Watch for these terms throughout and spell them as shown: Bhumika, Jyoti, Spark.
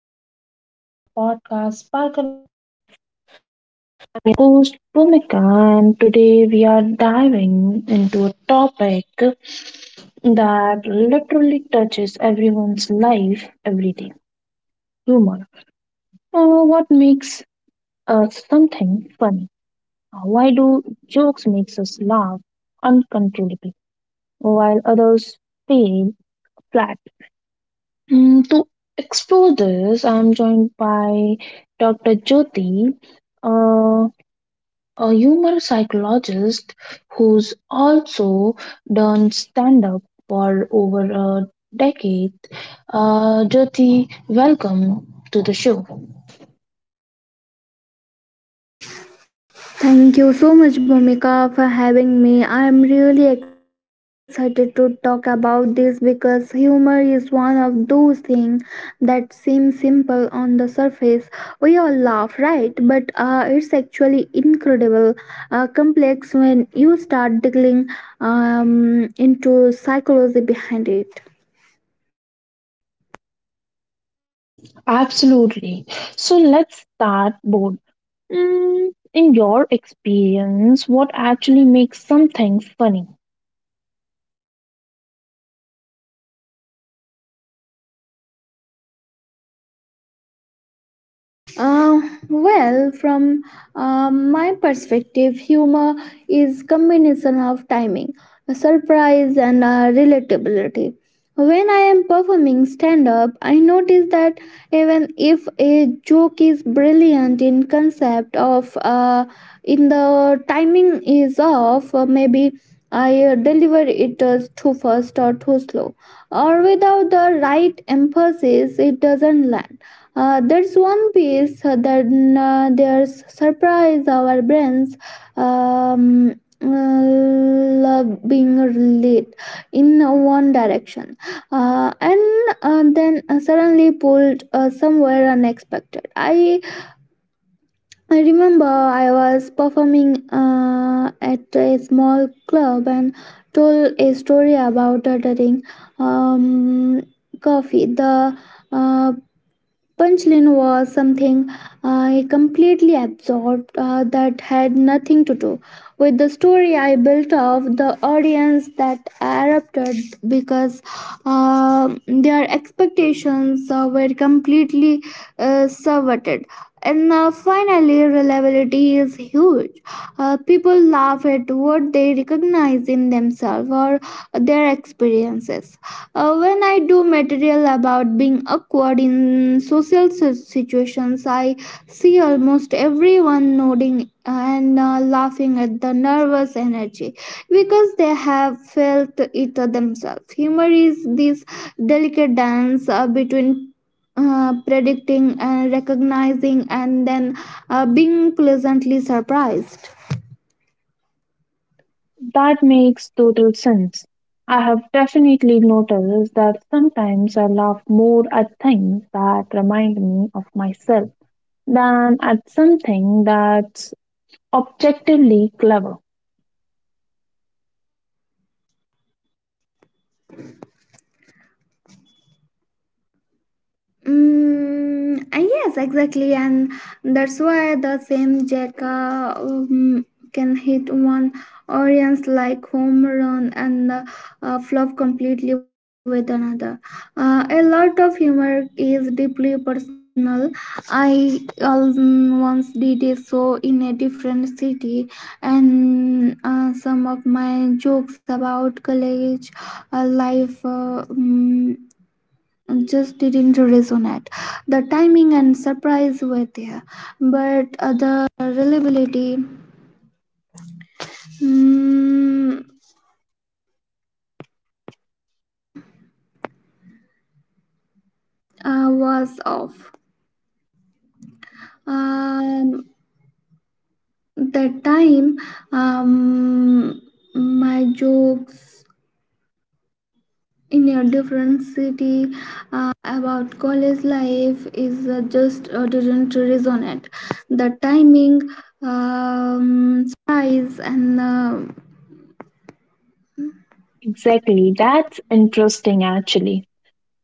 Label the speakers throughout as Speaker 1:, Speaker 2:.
Speaker 1: and welcome back to our podcast Spark. I'm your host Bhumika, and today we are diving into a topic that literally touches everyone's life every day: humor. What makes something funny? Why do jokes makes us laugh uncontrollably while others fail flat? To explore this, I'm joined by Dr. Jyoti. a a humor psychologist who's also done stand up for over a decade. Jyoti, welcome to the show.
Speaker 2: Thank you so much, Bhumika, for having me. I am really excited to talk about this because humor is one of those things that seem simple on the surface. We all laugh, right? But it's actually incredible, complex when you start digging into psychology behind it.
Speaker 1: Absolutely. So let's start bold. In your experience, what actually makes something funny?
Speaker 2: Uh, well, from my perspective, humor is combination of timing, surprise, and relatability. When I am performing stand up, I notice that even if a joke is brilliant in concept of in the timing is off, or maybe I deliver it too fast or too slow, or without the right emphasis, it doesn't land there's one piece that there's surprise our brains um, uh, love being led in one direction and then suddenly pulled somewhere unexpected. I remember I was performing at a small club and told a story about ordering um, coffee. The uh, Punchlin was something I completely absorbed that had nothing to do with the story I built of the audience that erupted because their expectations were completely subverted. And finally, reliability is huge. People laugh at what they recognize in themselves or their experiences. When I do material about being awkward in social situations, I see almost everyone nodding and laughing at the nervous energy because they have felt it themselves. Humor is this delicate dance between predicting and recognizing and then being pleasantly surprised.
Speaker 1: That makes total sense. I have definitely noticed that sometimes I laugh more at things that remind me of myself than at something that's objectively clever.
Speaker 2: Yes, exactly, and that's why the same Jack can hit one audience like home run and flop completely with another. A lot of humor is deeply personal. I once did a show in a different city, and some of my jokes about college life. Just didn't resonate. The timing and surprise were there. Was off. Um, that time, um, my jokes in a different city.
Speaker 1: Exactly, that's interesting actually.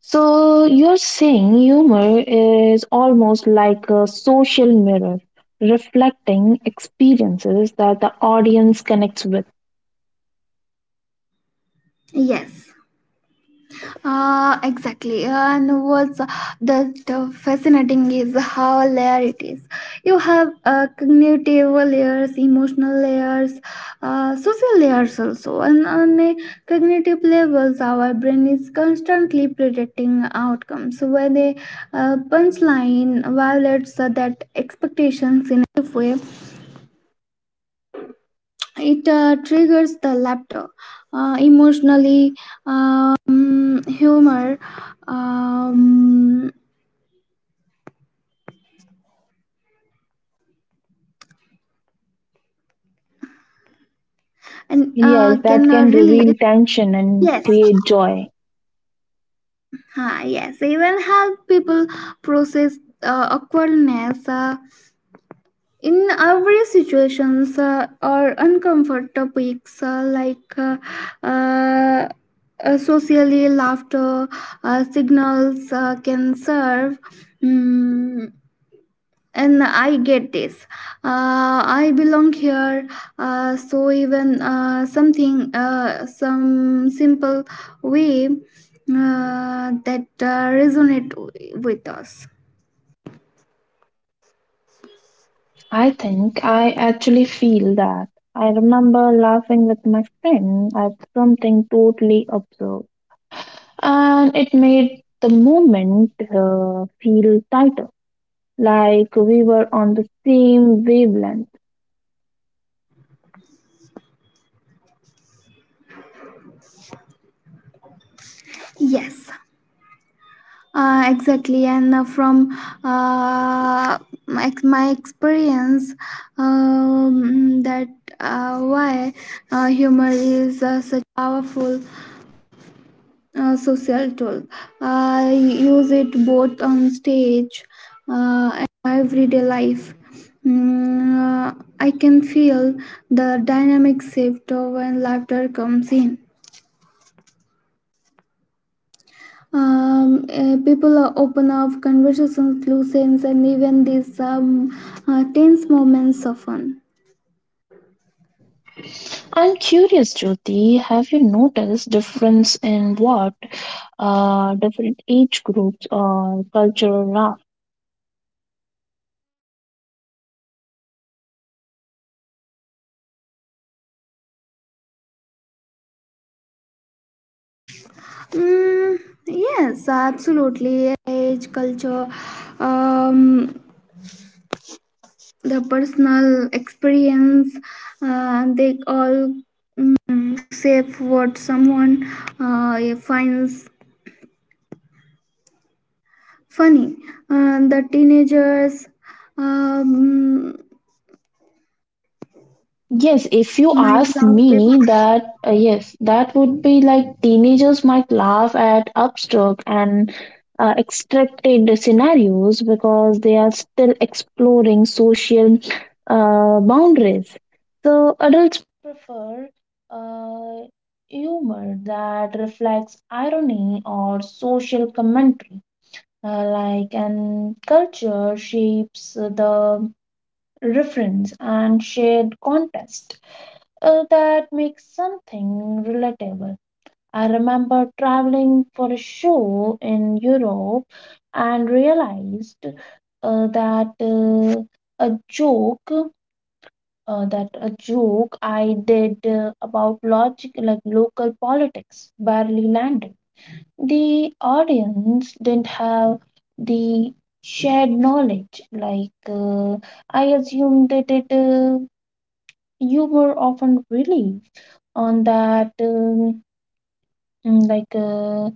Speaker 1: So, you're saying humor is almost like a social mirror reflecting experiences that the audience connects with.
Speaker 2: Yes, exactly. And what's the fascinating is how layered it is. You have cognitive layers, emotional layers, social layers also. And on a cognitive levels, our brain is constantly predicting outcomes. When a punchline violates that and
Speaker 1: Yes, that
Speaker 2: can
Speaker 1: can reveal
Speaker 2: release
Speaker 1: tension and
Speaker 2: yes
Speaker 1: create joy.
Speaker 2: yes even help people process awkwardness in every situations or uncomfort topics like uh, socially laughter signals can serve mm and I get this, I belong here, so even something some simple way that resonate with us.
Speaker 1: I think I actually feel that. I remember laughing with my friend at something totally absurd and it made the moment feel tighter, like we were on the same wavelength.
Speaker 2: Yes, exactly. And from uh, my experience, that why human can feel the dynamic shift of when laughter comes in. People are open up conversations, loosens, and even these tense moments soften.
Speaker 1: I'm curious, Jyoti, have you noticed difference in what different age groups or cultural.
Speaker 2: Mm, yes, funny. The teenagers um,
Speaker 1: Yes, if you
Speaker 2: might
Speaker 1: ask
Speaker 2: laugh.
Speaker 1: me that, yes, that would be like teenagers might laugh at abstract and extracted scenarios because they are still exploring social boundaries. So adults prefer uh, humor that reflects irony or social commentary, like and culture shapes the reference and shared context that makes something relatable. I remember traveling for a show in Europe and realized that a joke I did about logic like local politics barely landed. The audience didn't have the shared knowledge like I assumed that it you were often relieved on that mm, like uh,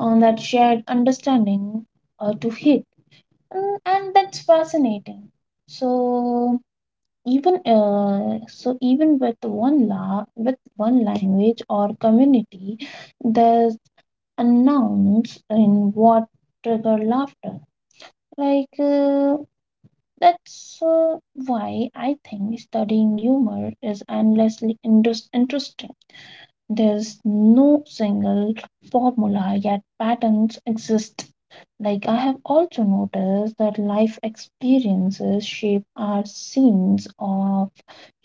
Speaker 1: on that shared understanding to hit. And that's fascinating. So even with one la with one language or community, there's unknowns in what trigger laughter, like that's why I think studying humor is endlessly interesting. There's no single formula, yet patterns exist. Like, I have also noticed that life experiences shape our scenes of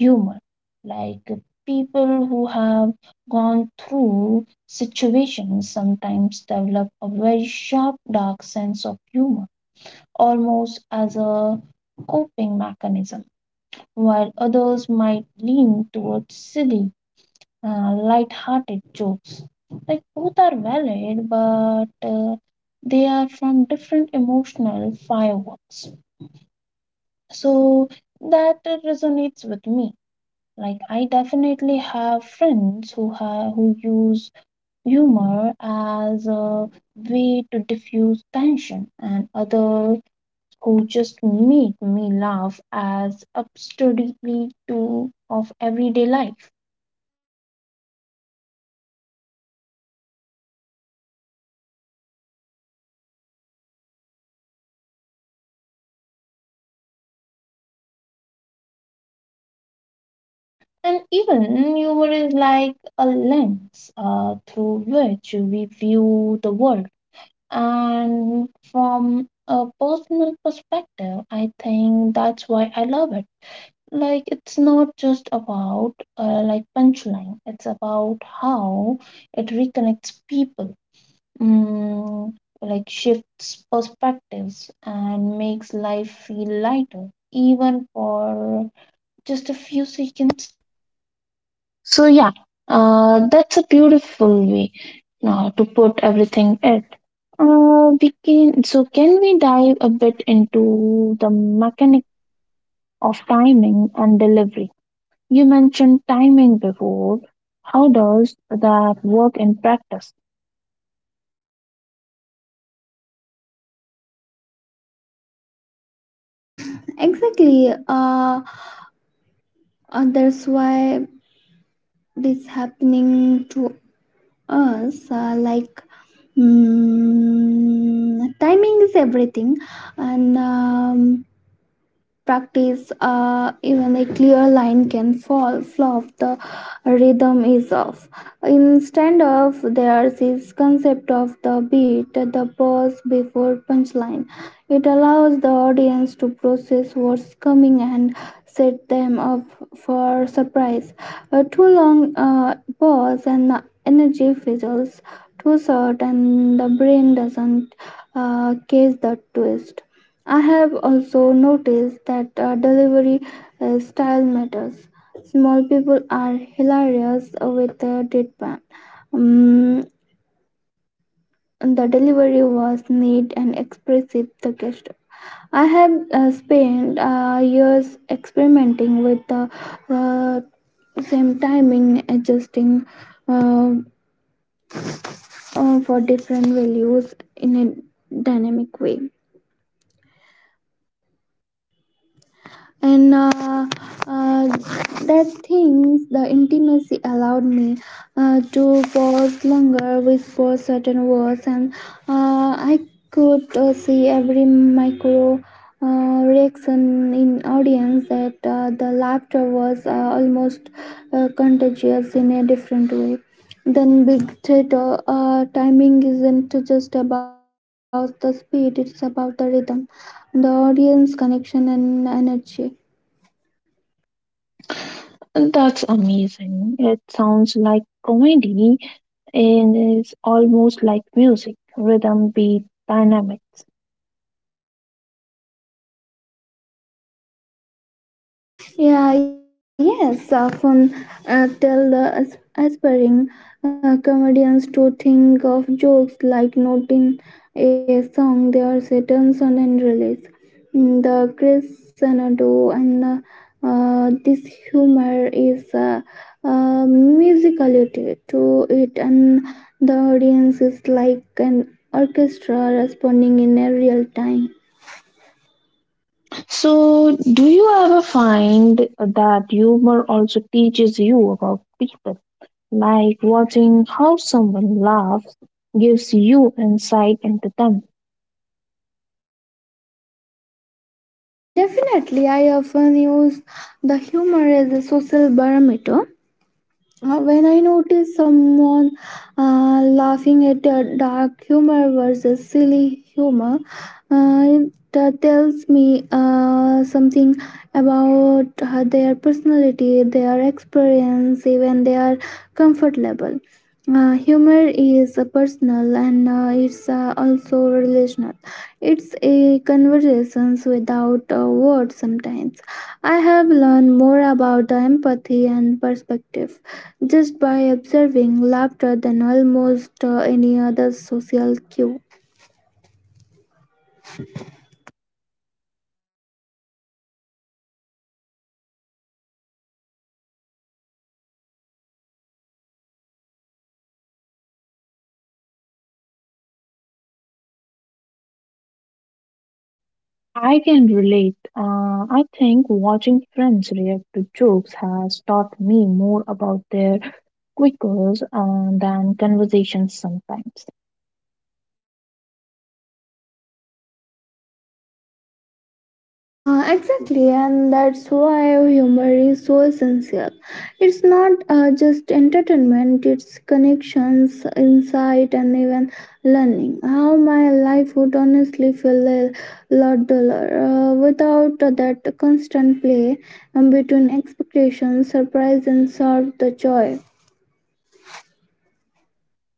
Speaker 1: humor. Like, people who have gone through situations sometimes develop a very sharp, dark sense of humor, almost as a coping mechanism, while others might lean towards silly light-hearted jokes. Like both are valid, but they are from different emotional fireworks. So that resonates with me. Like I definitely have friends who use humor as a way to diffuse tension, and others who just make me laugh as absurdity to of everyday life. And even humor is like a lens through which we view the world. And from a personal perspective, I think that's why I love it. Like, it's not just about like punchline, it's about how it reconnects people, mm, like shifts perspectives, and makes life feel lighter, even for just a few seconds. So yeah, that's a beautiful way to put everything it. So can we dive a bit into the mechanic of timing and delivery? You mentioned timing before. How does that work in practice?
Speaker 2: Mm, exactly. That's why this happening to us. Like, timing is everything, and practice, even a clear line can fall flop the rhythm is off instead of there's is concept of the beat the pause before punchline, it allows the audience to process what's coming and set them up for surprise. A too long pause and the energy fizzles, too short and the brain doesn't catch the twist. I have also noticed that delivery style matters. Small people are hilarious with a deadpan. Um, the delivery was neat and expressive. The gesture. I have spent years experimenting with the uh, same timing, adjusting uh, for different values in a dynamic way. And uh, that things the intimacy allowed me to pause longer whisper certain words and I could see every micro reaction in audience that the laughter was almost contagious in a different way then big theater. Timing isn't just about the speed, it's about the rhythm, the audience connection and energy.
Speaker 1: That's amazing. It sounds like comedy and is almost like music, rhythm, beat, dynamics.
Speaker 2: Yeah, yes, often tell the aspiring comedians to think of jokes like note in a song, their sentence and release. Mm, The Chris Sanado and this humor is musicality to it, and the audience is like an orchestra responding in a real time.
Speaker 1: So, do you ever find that humor also teaches you about people? Like watching how someone laughs gives you insight into them.
Speaker 2: Definitely, I often use the humor as a social barometer. When I notice someone laughing at dark humor versus silly humor, it tells me something about their personality, their experience, even their comfort level. Humor is personal and it's also relational. It's a conversations without words sometimes. I have learned more about the empathy and perspective just by observing laughter than almost any other social cue.
Speaker 1: I can relate. I think watching friends react to jokes has taught me more about their quirks than conversations sometimes.
Speaker 2: Exactly, and that's why humor is so essential. It's not just entertainment, it's connections, insight, and even learning. How my life would honestly feel a lot duller without that constant play between expectations, surprise, and serve the joy.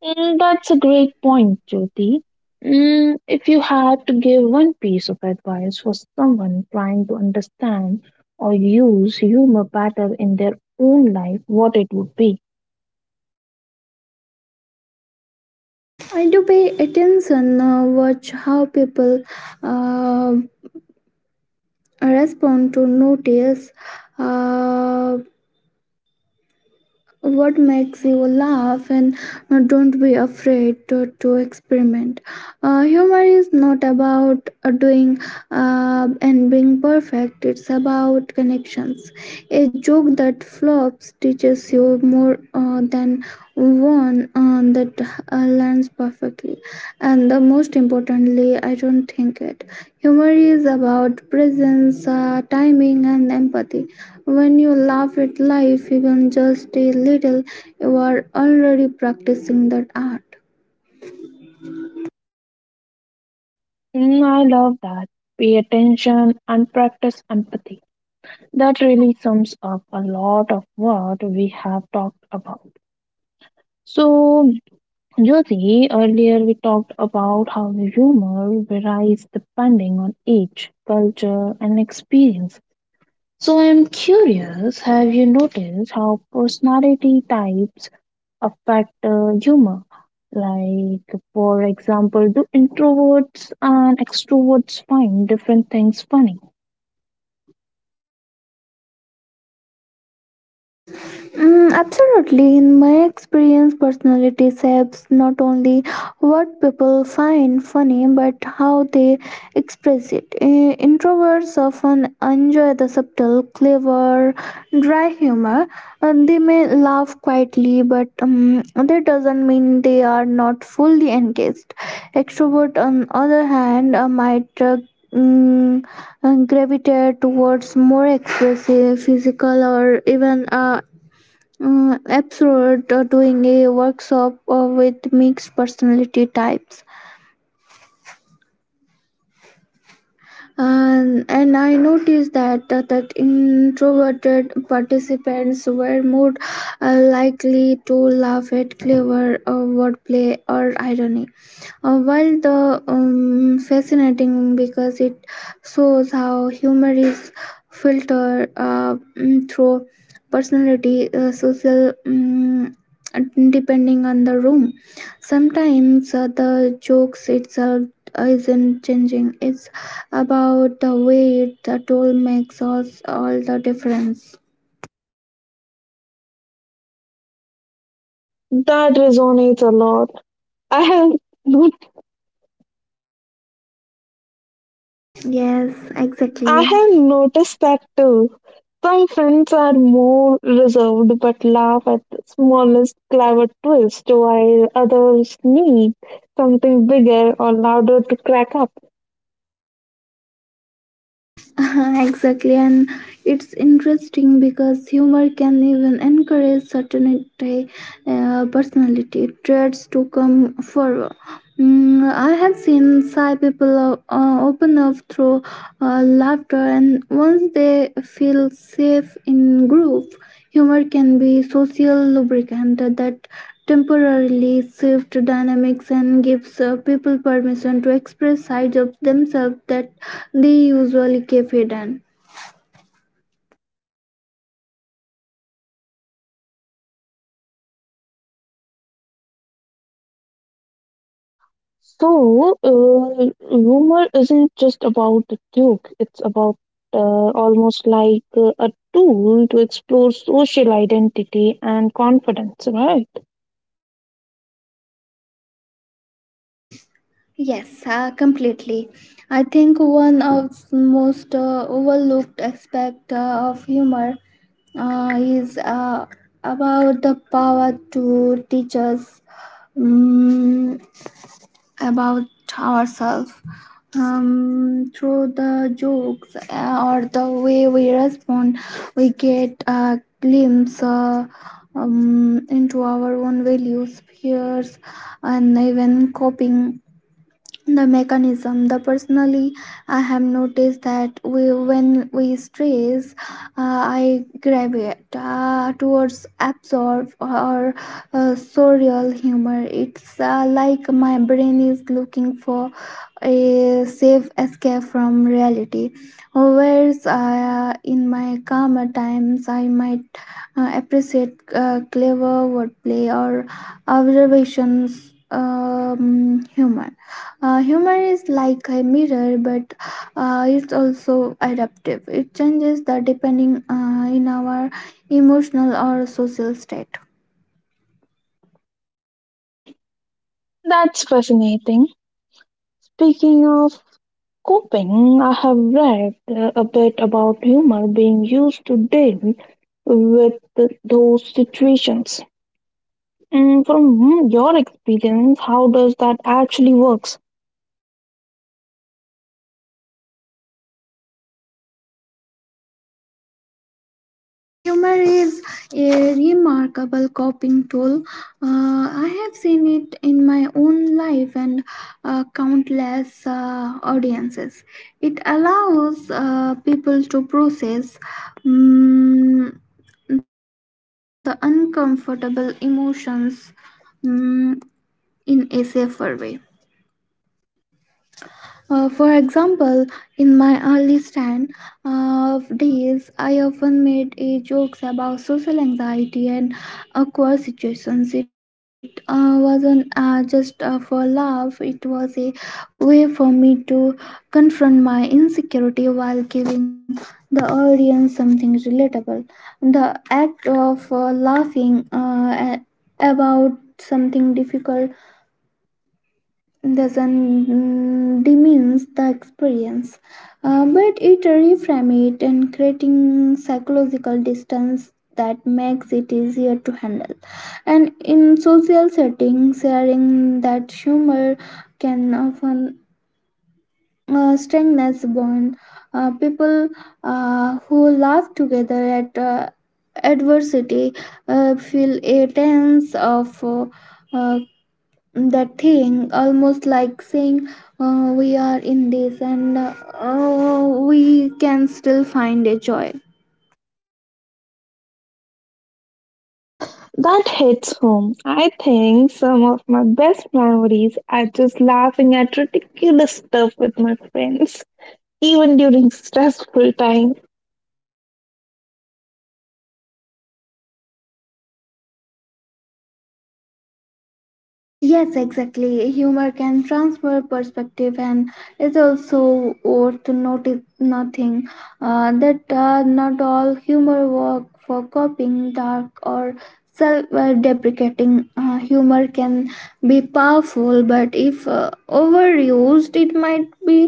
Speaker 1: That's a great point, Jyoti. If you had to give one piece of advice for someone trying to understand or use humor better in their own life, what it would be?
Speaker 2: I do pay attention, watch how people uh, respond to notice. Uh, what makes you laugh and don't be afraid to experiment. Humor is not about doing and being perfect, it's about connections. A joke that flops teaches you more than one that lands perfectly. And the most importantly, I don't think it. Humor is about presence, timing, and empathy. When you laugh at life, even just a little, you are already practicing that art.
Speaker 1: Mm, I love that. Pay attention and practice empathy. That really sums up a lot of what we have talked about. So, Jyoti, earlier we talked about how humor varies depending on age, culture, and experience. So I'm curious, have you noticed how personality types affect humor? Like, for example, do introverts and extroverts find different things funny?
Speaker 2: Mm, absolutely. In my experience, personality shapes not only what people find funny but how they express it. Introverts often enjoy the subtle, clever, dry humor. And they may laugh quietly, that doesn't mean they are not fully engaged. Extrovert, on other hand, might mm, and gravitate towards more expressive physical or even absurd doing a workshop with mixed personality types and I noticed that that introverted participants were more likely to laugh at clever wordplay or irony while the fascinating because it shows how humor is filtered, through personality social, depending on the room. Sometimes the jokes itself isn't changing, it's about the way it the toll makes us all the difference.
Speaker 1: That resonates a lot. I have not,
Speaker 2: Yes,
Speaker 1: I
Speaker 2: exactly.
Speaker 1: have noticed that too. Some friends are more reserved but laugh at the smallest clever twist, while others need something bigger or louder to crack up.
Speaker 2: Exactly, and it's interesting because humor can even encourage certain personality traits to come forward. Mm, I have seen shy people open up through laughter, and once they feel safe in group, humor can be social lubricant that temporarily shift dynamics and gives people permission to express sides of themselves that they usually keep hidden.
Speaker 1: So, rumor isn't just about the Duke, it's about almost like a tool to explore social identity and confidence, right?
Speaker 2: Yes, completely. I think one of most overlooked aspect of humor is about the power to teach us mm about ourselves, through the jokes or the way we respond, we get a glimpse into our own values fears and even coping the mechanism the personally. I have noticed that we, when we stress, I gravitate towards absorb or surreal humor. It's like my brain is looking for a safe escape from reality. Whereas in my calmer times, I might appreciate clever wordplay or observations. Humor. Humor is like a mirror, but it's also adaptive. It changes the depending in our emotional or social state.
Speaker 1: That's fascinating. Speaking of coping, I have read a bit about humor being used to deal with those situations. From your experience, how does that actually work?
Speaker 2: Humor is a remarkable coping tool. I have seen it in my own life and countless audiences. It allows people to process mm, the uncomfortable emotions mm, in a safer way. For example, in my early stand days, I often made a jokes about social anxiety and awkward situations. It wasn't just for laugh; it was a way for me to confront my insecurity while giving the audience something relatable. The act of laughing a- about something difficult doesn't diminish the experience, but it reframes it and creating psychological distance that makes it easier to handle. And in social settings sharing that humor can often strengthen bond. People who laugh together at adversity feel a sense of uh, the thing, almost like saying we are in this and we can still find a joy.
Speaker 1: That hits home. I think some of my best memories are just laughing at ridiculous stuff with my friends, even during stressful times.
Speaker 2: Yes, exactly, humor can transfer perspective. And it's also worth notice nothing that not all humor work for coping. Dark or self-deprecating humor can be powerful, but if overused it might be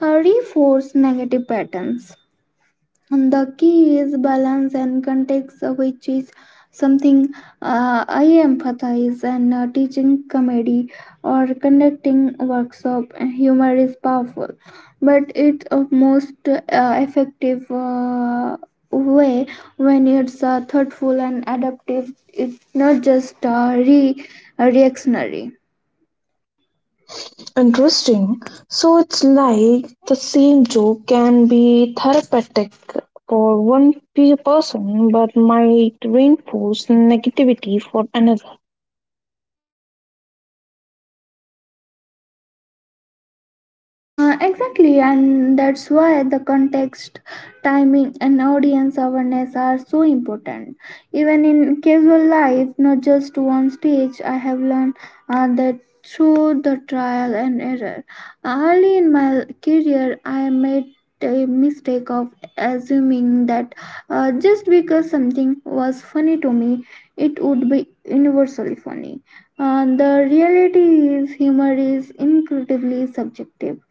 Speaker 2: reinforce negative patterns. And the key is balance and context, which is something I emphasize and teaching comedy or conducting workshop. Humor is powerful, but it's a most effective way when it's thoughtful and adaptive. It's not just reactionary.
Speaker 1: Interesting. So it's like the same joke can be therapeutic for one person but might reinforce negativity for another.
Speaker 2: Exactly, and that's why the context, timing, and audience awareness are so important. Even in casual life, not just one stage, I have learned that through the trial and error. Early in my career, I made a mistake assuming that just because something was funny to me, it would be universally funny. And the reality is, humor is incredibly subjective.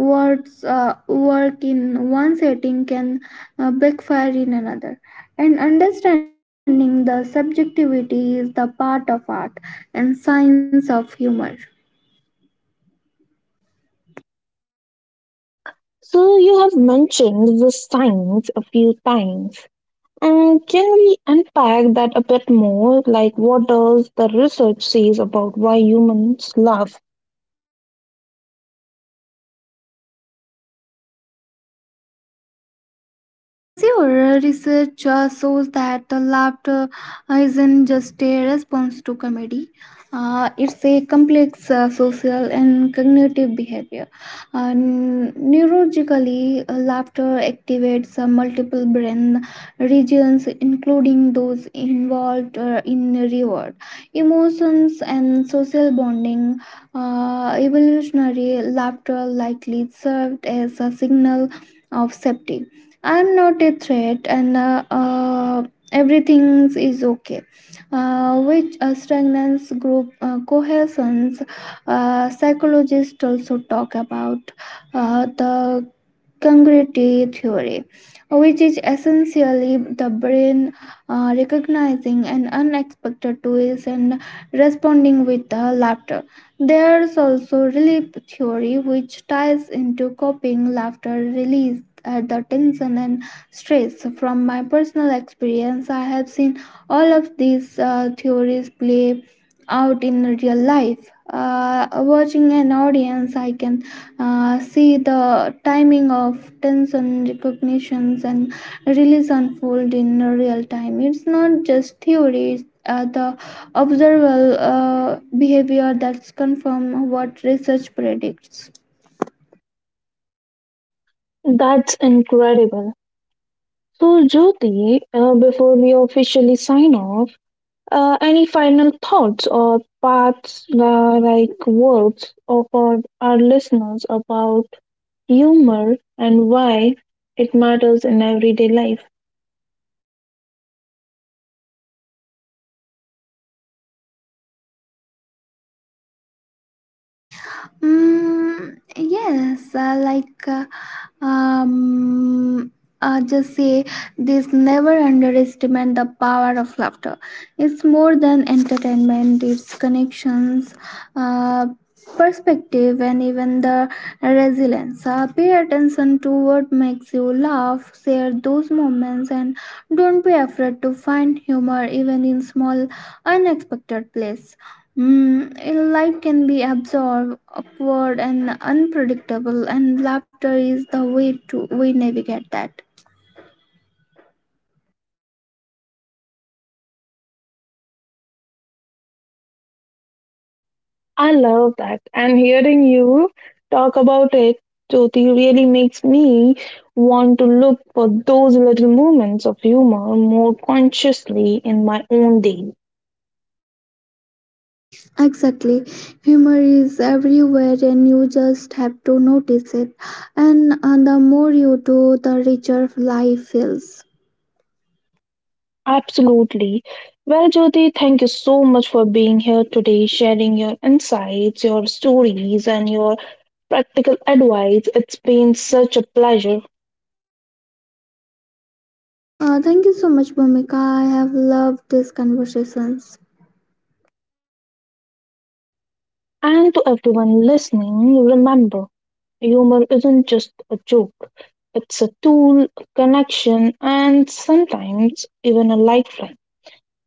Speaker 2: Words work in one setting can backfire in another, and understanding the subjectivity is the part of art and science of humor.
Speaker 1: So, you have mentioned the signs a few times. Can we unpack that a bit more? Like, what does the research says about why humans laugh?
Speaker 2: Sure, research shows that the laughter isn't just a response to comedy. It's a complex social and cognitive behavior. Neurologically, laughter activates multiple brain regions, including those involved in reward, emotions, and social bonding. Evolutionary laughter likely served as a signal of safety. I'm not a threat and everything is okay, which strengthens group cohesion. Psychologists also talk about the congruity theory, which is essentially the brain recognizing an unexpected twist and responding with laughter. There's also relief theory, which ties into coping, laughter, release at the tension and stress. From my personal experience, I have seen all of these theories play out in real life. Watching an audience, I can see the timing of tension recognitions and release unfold in real time. It's not just theory, it's the observable behavior that's confirm what research predicts.
Speaker 1: That's incredible. So, Jyoti, before we officially sign off, any final thoughts or parts, like words, of our listeners about humor and why it matters in everyday life?
Speaker 2: Mm, yes, um, just say this, never underestimate the power of laughter. It's more than entertainment, it's connections, uh, perspective, and even the resilience. Pay attention to what makes you laugh, share those moments, and don't be afraid to find humor even in small, unexpected place. Mm, life can be absorbed, awkward, and unpredictable, and laughter is the way to we navigate that.
Speaker 1: I love that. And hearing you talk about it, Jyoti, really makes me want to look for those little moments of humor more consciously in my own day.
Speaker 2: Exactly. Humor is everywhere and you just have to notice it. And the more you do, the richer life feels.
Speaker 1: Absolutely. Well, Jyoti, thank you so much for being here today, sharing your insights, your stories, and your practical advice. It's been such a pleasure.
Speaker 2: Thank you so much, Bhumika. I have loved these conversations.
Speaker 1: And to everyone listening, remember humor isn't just a joke, it's a tool, a connection, and sometimes even a lifeline.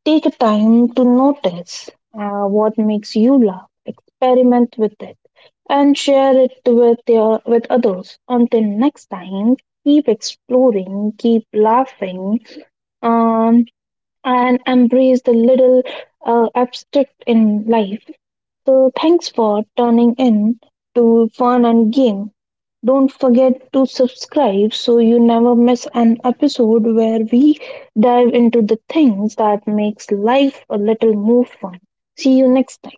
Speaker 1: Take a time to notice what makes you laugh, experiment with it, and share it with others. Until next time, keep exploring, keep laughing, um, and embrace the little abstract in life. So, thanks for turning in to Fun and Game. Don't forget to subscribe so you never miss an episode where we dive into the things that makes life a little more fun. See you next time.